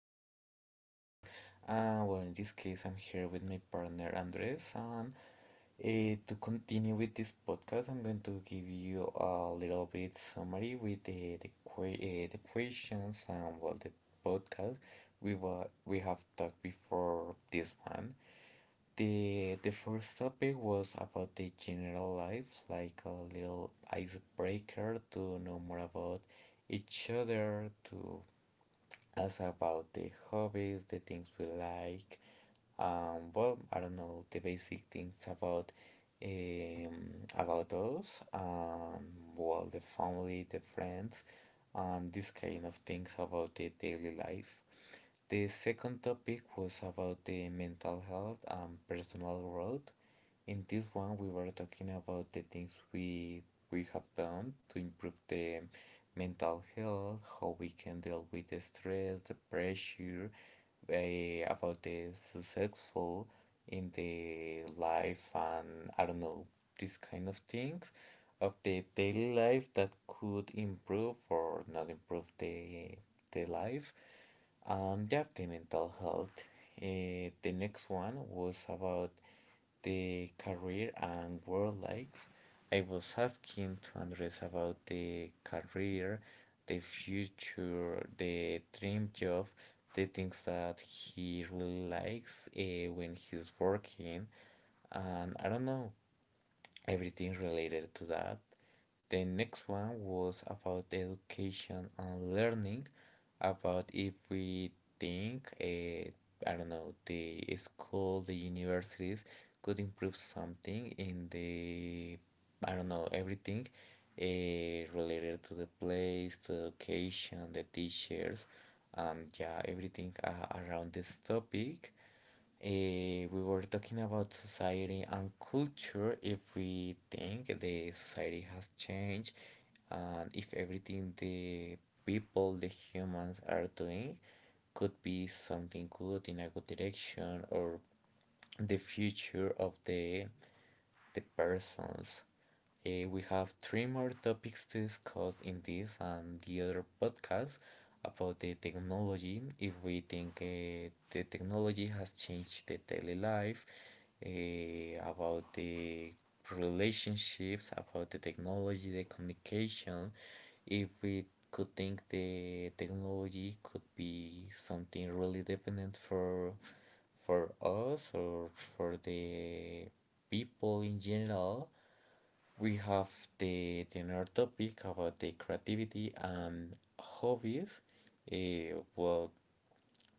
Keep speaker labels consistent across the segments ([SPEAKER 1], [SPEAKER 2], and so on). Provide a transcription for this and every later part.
[SPEAKER 1] different topics. In this case, I'm here with my partner Andres, and to continue with this podcast, I'm going to give you a little bit summary with the questions and well the podcast we have talked before this one. The first topic was about the general life, like a little icebreaker to know more about each other, to ask about the hobbies, the things we like, well, I don't know, the basic things about us, well, the family, the friends, and this kind of things about the daily life. The second topic was about the mental health and personal growth. In this one, we were talking about the things we have done to improve the mental health, how we can deal with the stress, the pressure, about the successful in the life, and I don't know, these kind of things of the daily life that could improve or not improve the life yeah, the mental health. The next one was about the career and work life. I was asking to Andres about the career, the future, the dream job, the things that he really likes when he's working. And I don't know, everything related to that. The next one was about education and learning, about if we think, I don't know, the school, the universities could improve something in the, I don't know, everything related to the place, to education, the teachers, yeah, everything around this topic. We were talking about society and culture. If we think the society has changed and if everything the people, the humans are doing could be something good in a good direction or the future of the persons. We have three more topics to discuss in this and the other podcast about the technology. If we think the technology has changed the daily life, about the relationships, about the technology, the communication, if we could think the technology could be something really dependent for us or for the people in general. We have the topic about the creativity and hobbies. Uh, well,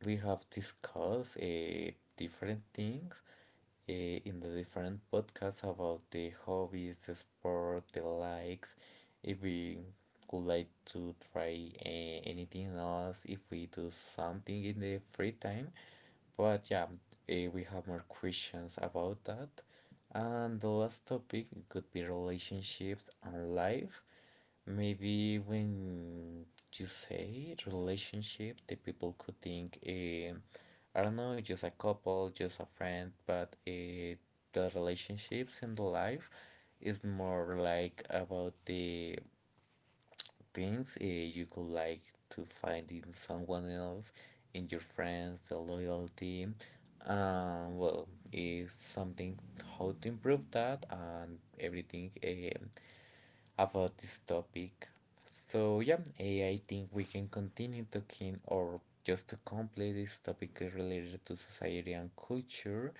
[SPEAKER 1] we have discussed different things in the different podcasts about the hobbies, the sport, the likes. If we would like to try anything else, if we do something in the free time. But yeah, we have more questions about that. And the last topic could be relationships and life. Maybe when you say relationship, the people could think, I don't know, just a couple, just a friend, but the relationships in the life is more like about the things you could like to find in someone else, in your friends, the loyalty. Is something how to improve that and everything about this topic. So yeah, I think we can continue talking or just to complete this topic related to society and culture.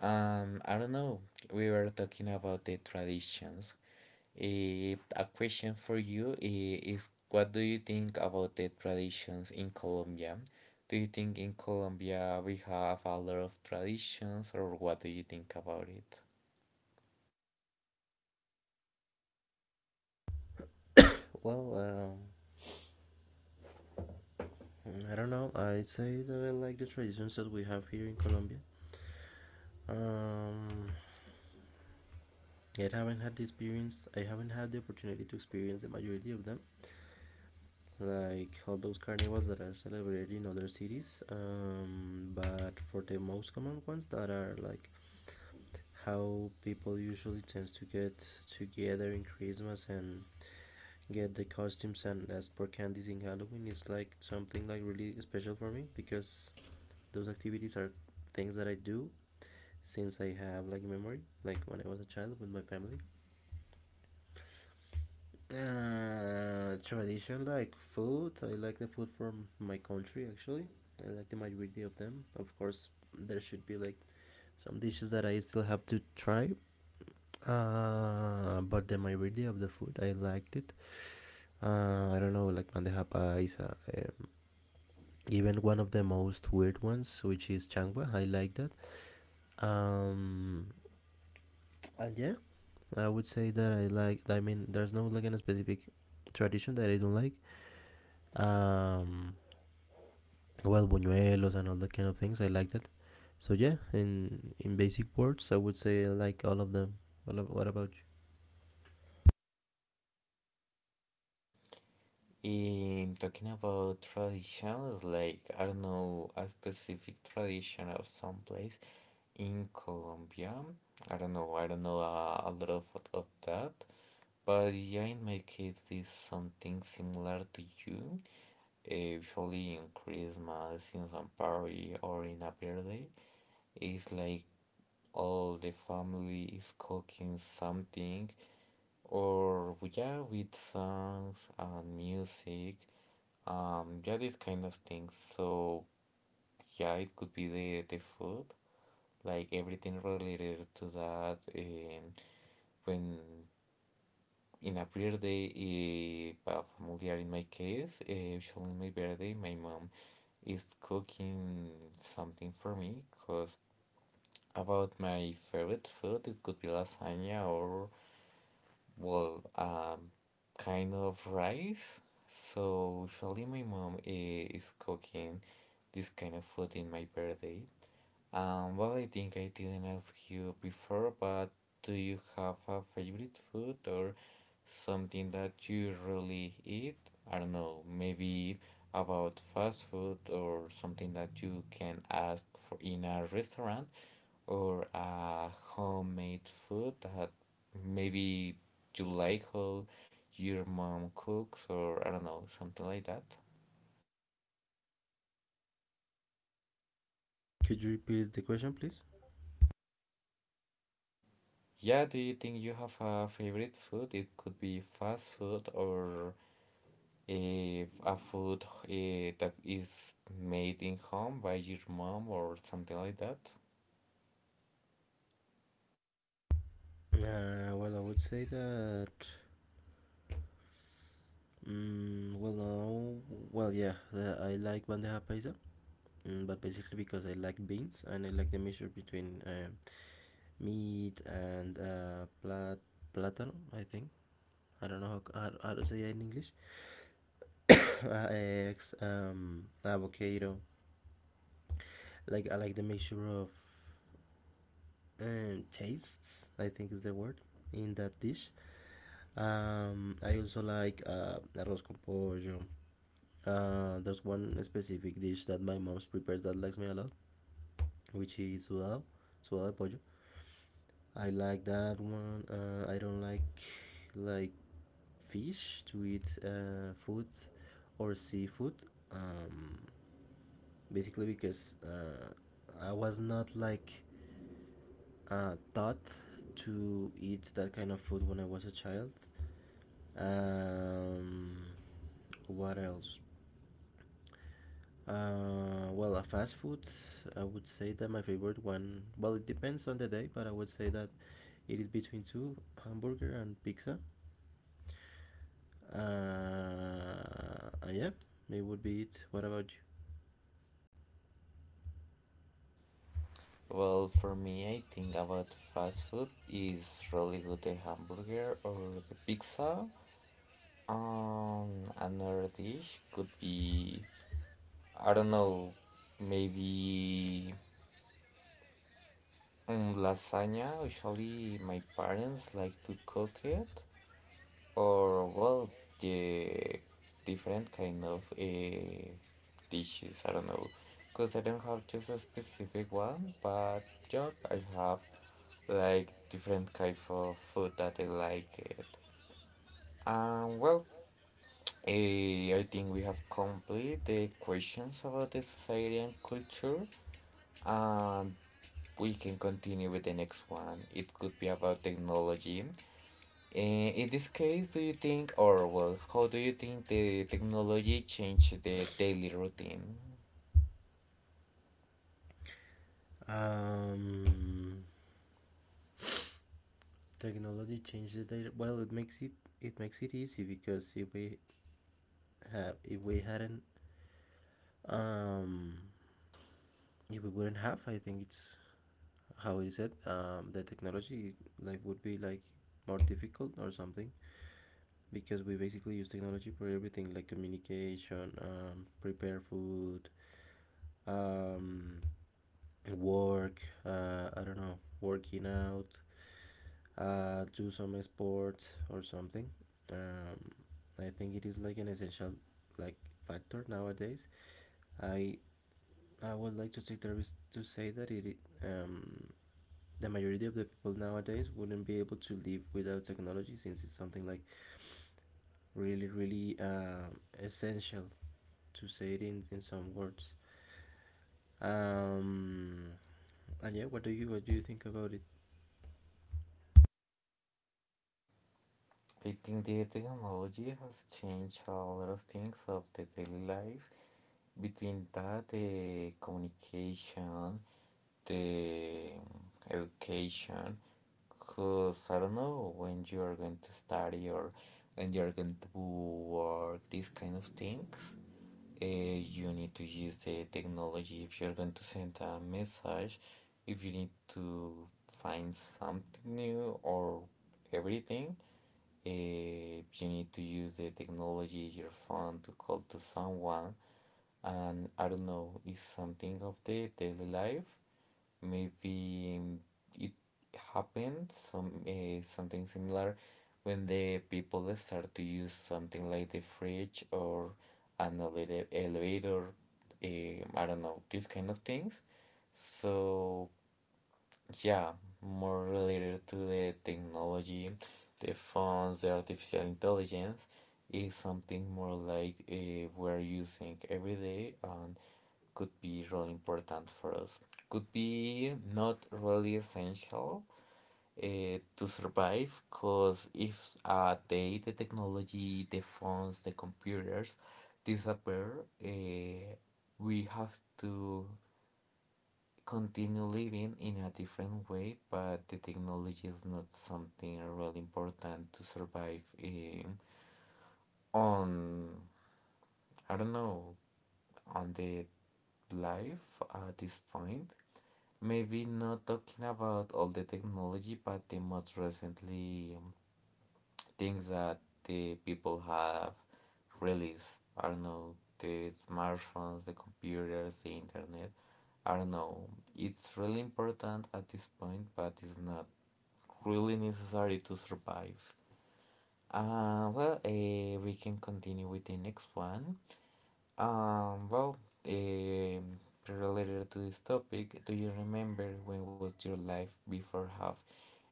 [SPEAKER 1] I don't know. We were talking about the traditions. A question for you is, what do you think about the traditions in Colombia? Do you think in Colombia we have a lot of traditions, or what do you think about it?
[SPEAKER 2] Well, I don't know. I'd say that I like the traditions that we have here in Colombia. Um, I haven't had the experience. I haven't had the opportunity to experience the majority of them, like all those carnivals that are celebrated in other cities. But for the most common ones that are like how people usually tends to get together in Christmas and get the costumes and ask for candies in Halloween is like something like really special for me because those activities are things that I do since I have like memory, like when I was a child with my family. Tradition like food. I like the food from my country actually. I like the majority of them. Of course, there should be like some dishes that I still have to try. But the majority of the food I liked it. I don't know, like bandeja paisa is a, even one of the most weird ones, which is changwa. I like that. Um, and yeah, I would say that I like. I mean, there's no like any specific tradition that I don't like. Um, buñuelos and all that kind of things. I like that. So yeah, in basic words, I would say I like all of them. What about you?
[SPEAKER 1] In talking about traditions, like, I don't know, a specific tradition of some place in Colombia. I don't know, I don't know a lot of that, but yeah, in my case, it's something similar to you. Usually in Christmas, in some party, or in a birthday. It's like all the family is cooking something, or yeah, with songs and music, yeah, these kind of things. So yeah, it could be the food, like everything related to that, and when in a birthday, but familiar in my case, usually in my birthday, my mom is cooking something for me because about my favorite food, it could be lasagna, or, well, kind of rice. So usually my mom is cooking this kind of food in my birthday. I think I didn't ask you before, but do you have a favorite food or something that you really eat? I don't know, maybe about fast food or something that you can ask for in a restaurant or a homemade food that maybe you like how your mom cooks, or I don't know, something like that.
[SPEAKER 2] Could you repeat the question, please?
[SPEAKER 1] Yeah, do you think you have a favorite food? It could be fast food or a food that is made in home by your mom or something like that.
[SPEAKER 2] I would say that. Mm, well, no, well, yeah, I like bandeja paisa, but basically because I like beans and I like the mixture between meat and platano, I think. I don't know how to say that in English. Eggs, avocado. Like I like the mixture of tastes. I think is the word in that dish. I also like arroz con pollo. There's one specific dish that my mom prepares that likes me a lot, which is sudado de pollo. I like that one. I don't like fish to eat food or seafood. Um, Basically because I was not like taught to eat that kind of food when I was a child. Um, what else? A fast food. I would say that my favorite one. Well, it depends on the day, but I would say that it is between two hamburger and pizza. Uh, yeah, it would be it. What about you?
[SPEAKER 1] Well, for me, I think about fast food is really good, the hamburger or the pizza. Another dish could be, I don't know, maybe, mm, lasagna. Usually, my parents like to cook it. Or well, the different kind of dishes, I don't know, because I don't have just a specific one, but yeah, I have like different kind of food that I like it. And well, I think we have complete the questions about the society and culture, and we can continue with the next one. It could be about technology. In this case, do you think, or well, how do you think the technology changed the daily routine?
[SPEAKER 2] Um, Technology changed the data. Well, it makes it easy because if we hadn't um if we wouldn't have, I think it's how it is said, the technology, life would be like more difficult or something because we basically use technology for everything, like communication, prepare food, um work, I don't know, working out, do some sports or something. um I think it is like an essential like factor nowadays. i I would like to take the risk to say that it, um, the majority of the people nowadays wouldn't be able to live without technology since it's something like really, really essential to say it in some words. Um, and yeah, what do you think about it?
[SPEAKER 1] I think the technology has changed a lot of things of the daily life. Between that, the communication, the education, because I don't know when you are going to study or when you are going to work, these kind of things. Uh, you need to use the technology if you're going to send a message, if you need to find something new or everything, you need to use the technology, your phone to call to someone. And I don't know, it's something of the daily life. Maybe it happened some something similar when the people start to use something like the fridge or an elevator, uh, I don't know, these kind of things. So yeah, more related to the technology, the phones, the artificial intelligence is something more like we're using every day and could be really important for us. Could be not really essential to survive, because if a day the technology, the phones, the computers disappear, we have to continue living in a different way, but the technology is not something really important to survive on, I don't know, on the life at this point. Maybe not talking about all the technology, but the most recently things that the people have released. I don't know, the smartphones, the computers, the internet. I don't know. It's really important at this point, but it's not really necessary to survive. We can continue with the next one. Um, well, um Related to this topic, do you remember when was your life before have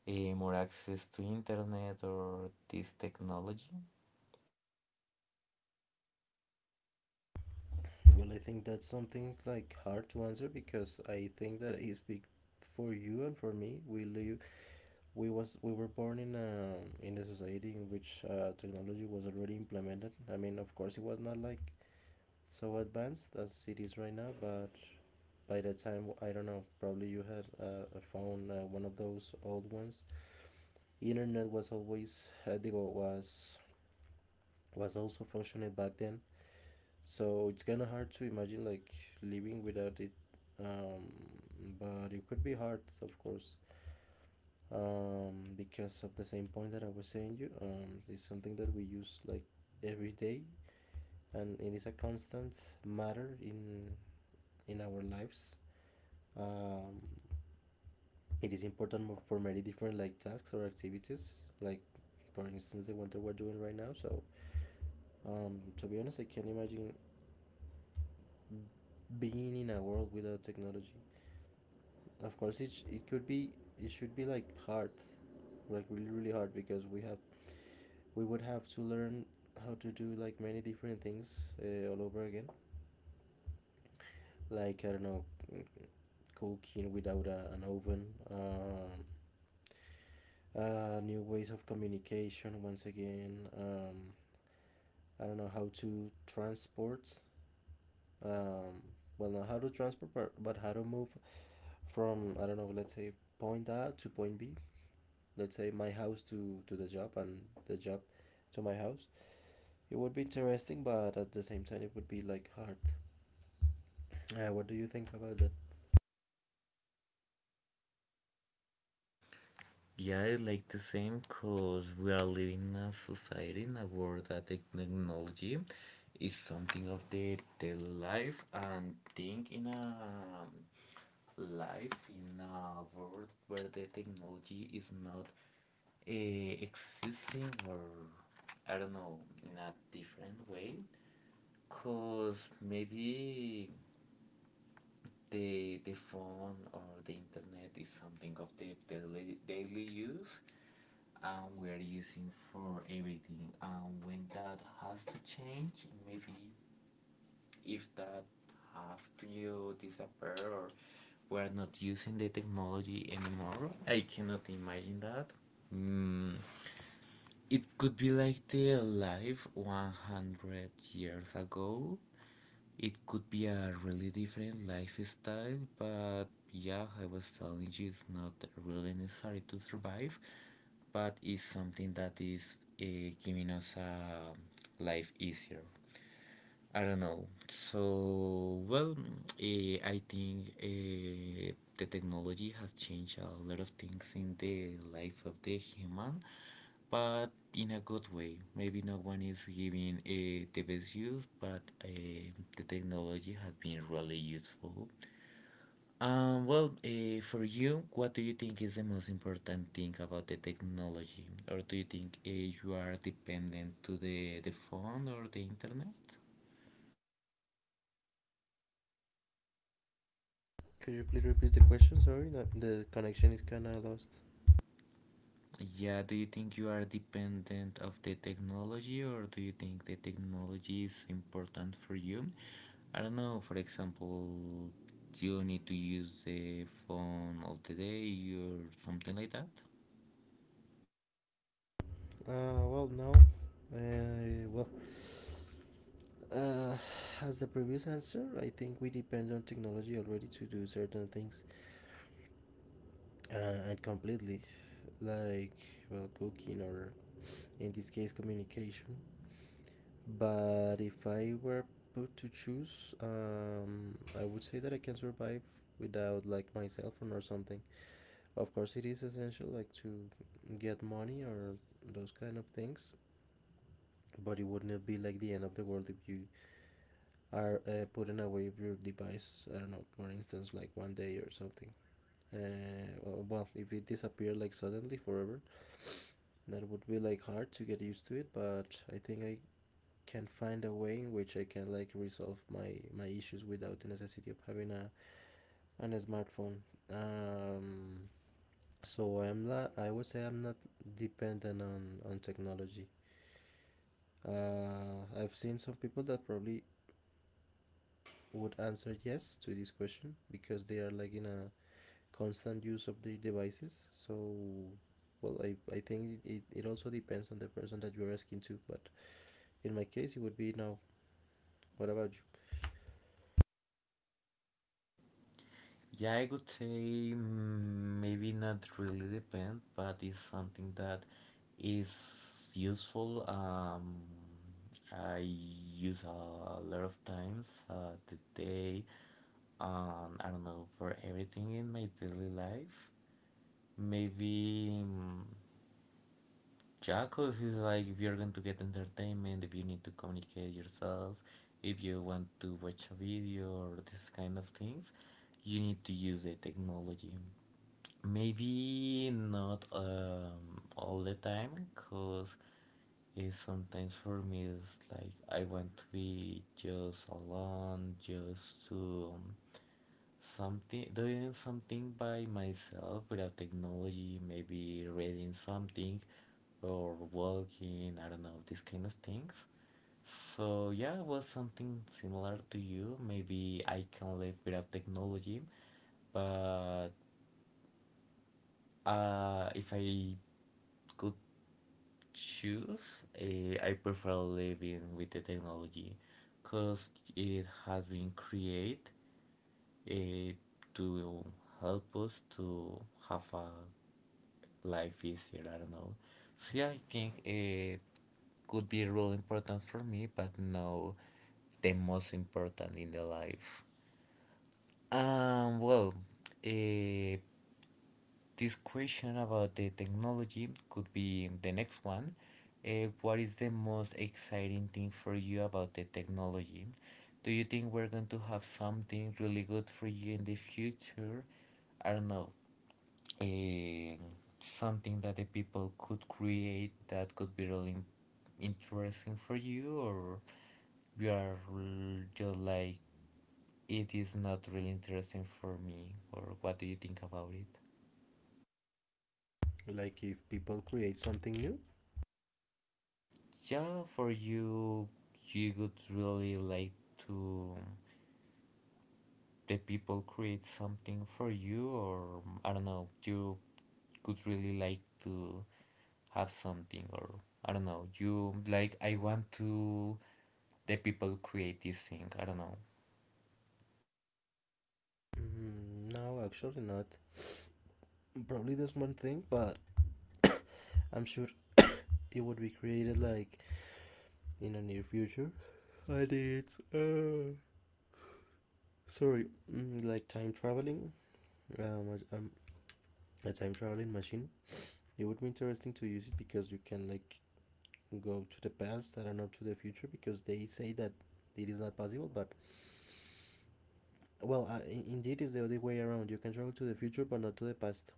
[SPEAKER 1] more access to internet or this technology?
[SPEAKER 2] Well, I think that's something like hard to answer because I think that I speak for you and for me. We live, we was, we were born in a society in which technology was already implemented. I mean, of course, it was not like so advanced as it is right now, but by the time, I don't know, probably you had a phone, one of those old ones. Internet was always digo, was also functioning back then, so it's kind of hard to imagine like living without it. um, but it could be hard, of course, because of the same point that I was saying you. It's something that we use like every day, and it is a constant matter in our lives. um, it is important for many different like tasks or activities, like for instance the one that we're doing right now. So to be honest, I can't imagine being in a world without technology. Of course it could be, it should be like hard, like really, really hard, because we have, we would have to learn how to do like many different things all over again, like I don't know, cooking without a, an oven, new ways of communication once again. I don't know how to transport. Um, well, not how to transport, but how to move from, I don't know, let's say point A to point B. Let's say my house to the job, and the job to my house. It would be interesting, but at the same time, it would be like hard. What do you think about that?
[SPEAKER 1] Yeah, like the same, because we are living in a society, in a world that technology is something of the life, and think in a life, in a world where the technology is not existing, or I don't know, in a different way. Because maybe the phone or the internet is something of the daily use, and we're using for everything. And when that has to change, maybe if that have to disappear, or we're not using the technology anymore, I cannot imagine that. Mm, it could be like the life 100 years ago. It could be a really different lifestyle, but yeah, I was telling you it's not really necessary to survive, but it's something that is giving us a life easier. I don't know. So, well, I think the technology has changed a lot of things in the life of the human, but in a good way. Maybe no one is giving the best use, but the technology has been really useful. For you, what do you think is the most important thing about the technology? Or do you think you are dependent to the phone or the internet?
[SPEAKER 2] Could you please repeat the question? Sorry, the connection is kind of lost.
[SPEAKER 1] Yeah, do you think you are dependent of the technology, or do you think the technology is important for you? I don't know, for example, you need to use the phone all the day or something like that?
[SPEAKER 2] Well, no. Well, uh, as the previous answer, I think we depend on technology already to do certain things, and completely, like, well, cooking or in this case communication. But if I were put to choose, I would say that I can survive without like my cell phone or something. Of course it is essential, like to get money or those kind of things, but it wouldn't be like the end of the world if you are putting away your device, I don't know, for instance like one day or something. Well, if it disappeared like suddenly forever, that would be like hard to get used to it, but I think I can find a way in which I can like resolve my issues without the necessity of having a an smartphone. um so I'm not, I would say I'm not dependent on technology. I've seen some people that probably would answer yes to this question because they are like in a constant use of their devices. So, well, I think it also depends on the person that you're asking to, but in my case it would be no. What about you?
[SPEAKER 1] Yeah, I could say, mm, maybe not really depend, but it's something that is useful. I use a lot of times the day. I don't know, for everything in my daily life. Maybe Jacos is like if you're going to get entertainment, if you need to communicate yourself, if you want to watch a video or this kind of things, you need to use the technology. Maybe not all the time, cause sometimes for me it's like I want to be just alone, just to something doing something by myself without technology. Maybe reading something or walking. I don't know these kind of things. So yeah, it was something similar to you. Maybe I can live without technology, but if I could choose, I prefer living with the technology because it has been created eh, to help us to have a life easier. I don't know. See, I think it could be really important for me, but no, the most important in the life. Um, well, eh, This question about the technology could be the next one. What is the most exciting thing for you about the technology? Do you think we're going to have something really good for you in the future? I don't know. eh, Something that the people could create that could be really interesting for you, or you are just like it is not really interesting for me, or what do you think about it?
[SPEAKER 2] Like if people create something new?
[SPEAKER 1] Yeah, for you, you would really like to the people create something for you, or I don't know, you could really like to have something, or I don't know, you like, I want to the people create this thing. I don't know.
[SPEAKER 2] No, actually not. Probably there's one thing, but I'm sure it would be created like in the near future. But it's sorry, like time traveling, um, um, a time traveling machine. It would be interesting to use it because you can like go to the past. I don't know to the future, because they say that it is not possible. But, well, indeed, it's the other way around. You can travel to the future, but not to the past.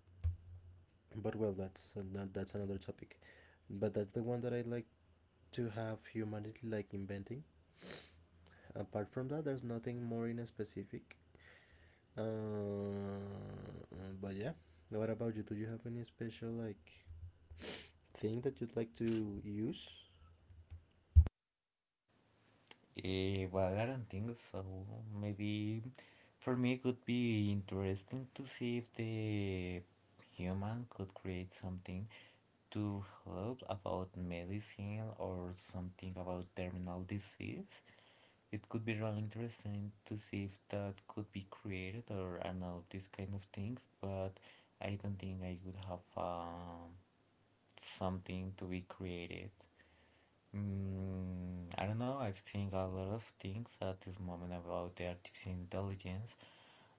[SPEAKER 2] But well, that's another topic. But that's the one that I like to have humanity like inventing. Apart from that, there's nothing more in specific. uh, but yeah, what about you, do you have any special like thing that you'd like to use?
[SPEAKER 1] Well, I don't think so. Maybe for me, it could be interesting to see if the human could create something to help about medicine or something about terminal disease. It could be really interesting to see if that could be created or I don't know these kind of things, but I don't think I would have something to be created. Mm, I don't know. I've seen a lot of things at this moment about the artificial intelligence,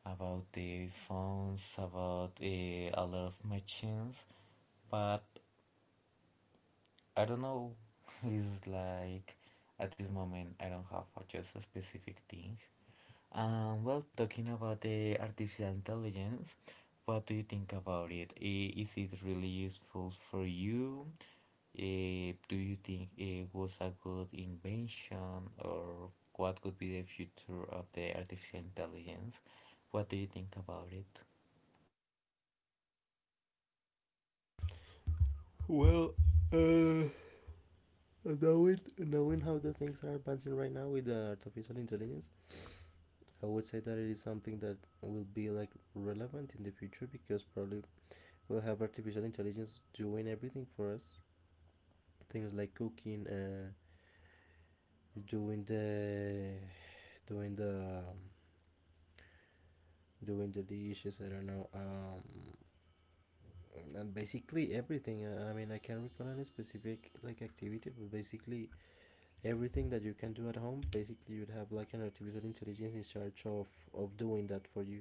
[SPEAKER 1] about the phones, about a lot of machines, but I don't know. It's like at this moment I don't have a, just a specific thing. Well, talking about the artificial intelligence, what do you think about it? Is it really useful for you? Do you think it was a good invention, or what could be the future of the artificial intelligence? What do you think about it?
[SPEAKER 2] Well, uh, knowing knowing how the things are advancing right now with the artificial intelligence, I would say that it is something that will be like relevant in the future, because probably we'll have artificial intelligence doing everything for us, things like cooking, doing the doing the doing the dishes, I don't know. And basically everything, I mean, I can't recall any specific like activity, but basically everything that you can do at home, basically you'd have like an artificial intelligence in charge of doing that for you.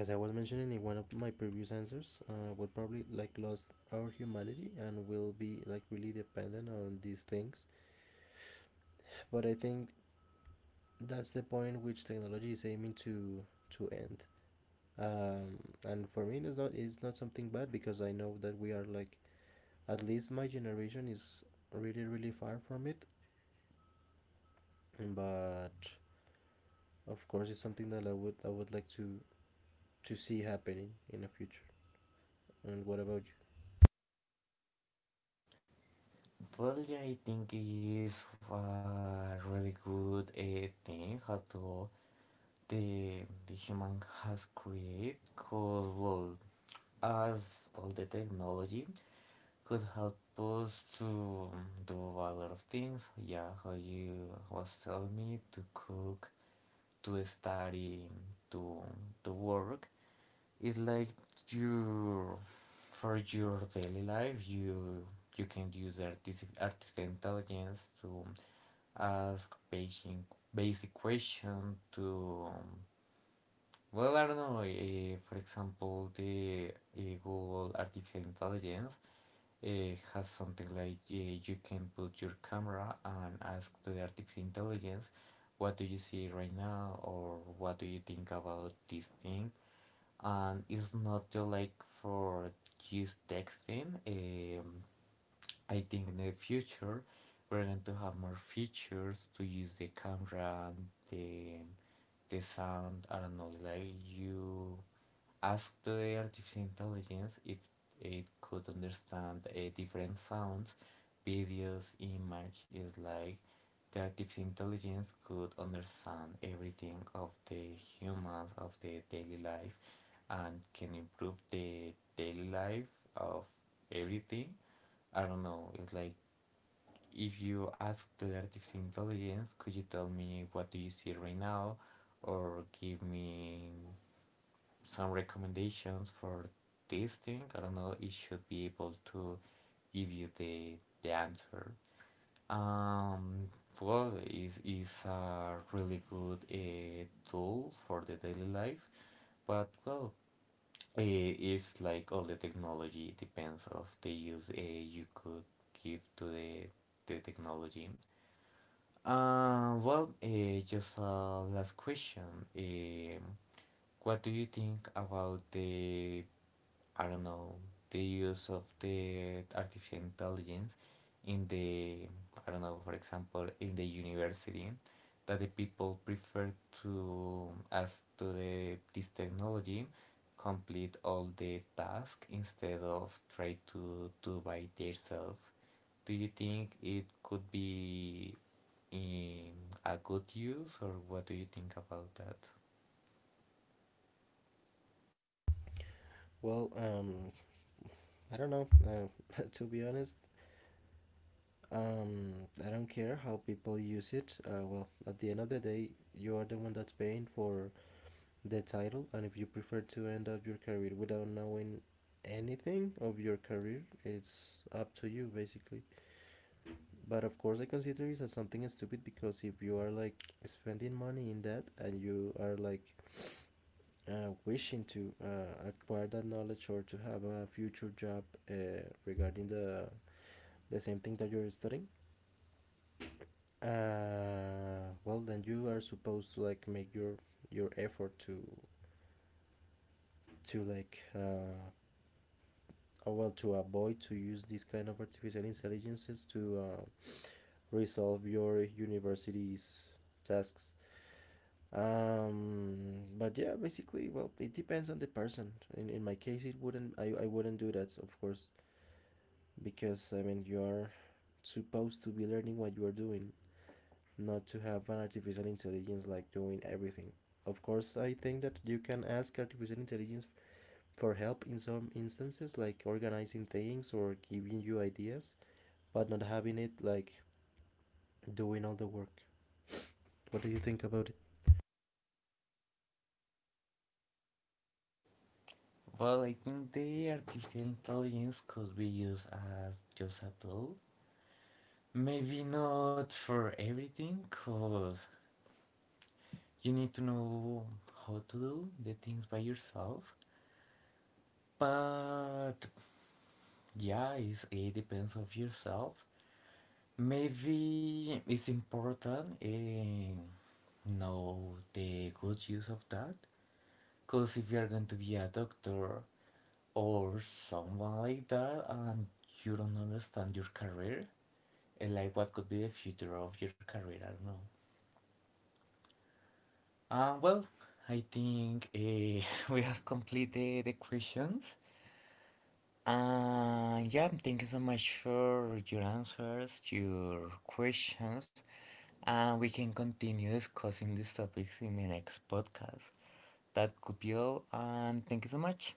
[SPEAKER 2] As I was mentioning in one of my previous answers, we'll probably like lost our humanity and will be like really dependent on these things. But I think that's the point which technology is aiming to end. um, and for me, it's not, it's not something bad, because I know that we are like, at least my generation is really, really far from it. But of course it's something that I would like to see happening in the future. And what about you?
[SPEAKER 1] Well, yeah, I think it is a really good thing how to the human has created because well as all the technology could help us to do a lot of things, yeah, how you was telling me, to cook, to study, to to work. It's like you, for your daily life you can use artificial intelligence to ask basic question to well, I don't know. For example, the Google Artificial Intelligence has something like you can put your camera and ask to the Artificial Intelligence, what do you see right now, or what do you think about this thing? And it's not just like for just texting. I think in the future we're going to have more features to use the camera and the sound. I don't know, like you asked the artificial intelligence if it could understand different sounds, videos, image. Is like the artificial intelligence could understand everything of the humans of the daily life and can improve the daily life of everything. I don't know. It's like if you ask the artificial intelligence, could you tell me what do you see right now, or give me some recommendations for this thing. I don't know, it should be able to give you the answer. Um, well, is a really good tool for the daily life, but well, it's like all the technology depends of the use you could give to the technology. Just a last question. Um, what do you think about the, I don't know, the use of the artificial intelligence in the, I don't know, for example, in the university, that the people prefer to, as to the, this technology, complete all the task instead of try to do by themselves. Do you think it could be in a good use, or what do you think about that?
[SPEAKER 2] Well, I don't know, to be honest, um I don't care how people use it. Well, at the end of the day, you are the one that's paying for the title, and if you prefer to end up your career without knowing anything of your career, it's up to you basically. But of course I consider it as something stupid, because if you are like spending money in that and you are like wishing to acquire that knowledge or to have a future job uh, regarding the same thing that you're studying. Well, then you are supposed to like make your effort to like or well, to avoid to use these kind of artificial intelligences to resolve your university's tasks. But yeah, basically, well, it depends on the person. In my case it wouldn't, I wouldn't do that, of course, because I mean, you are supposed to be learning what you are doing, not to have an artificial intelligence like doing everything. Of course, I think that you can ask artificial intelligence for help in some instances, like organizing things or giving you ideas, but not having it like doing all the work. What do you think about it?
[SPEAKER 1] Well, I think the artificial intelligence could be used as just a tool. Maybe not for everything, because you need to know how to do the things by yourself. But yeah, it depends of yourself. Maybe it's important and know the good use of that. Because if you're going to be a doctor or someone like that and you don't understand your career, and like what could be the future of your career, I don't know. uh, well I think we have completed the questions, and yeah, thank you so much for your answers, your questions, and we can continue discussing these topics in the next podcast. That could be all, and thank you so much.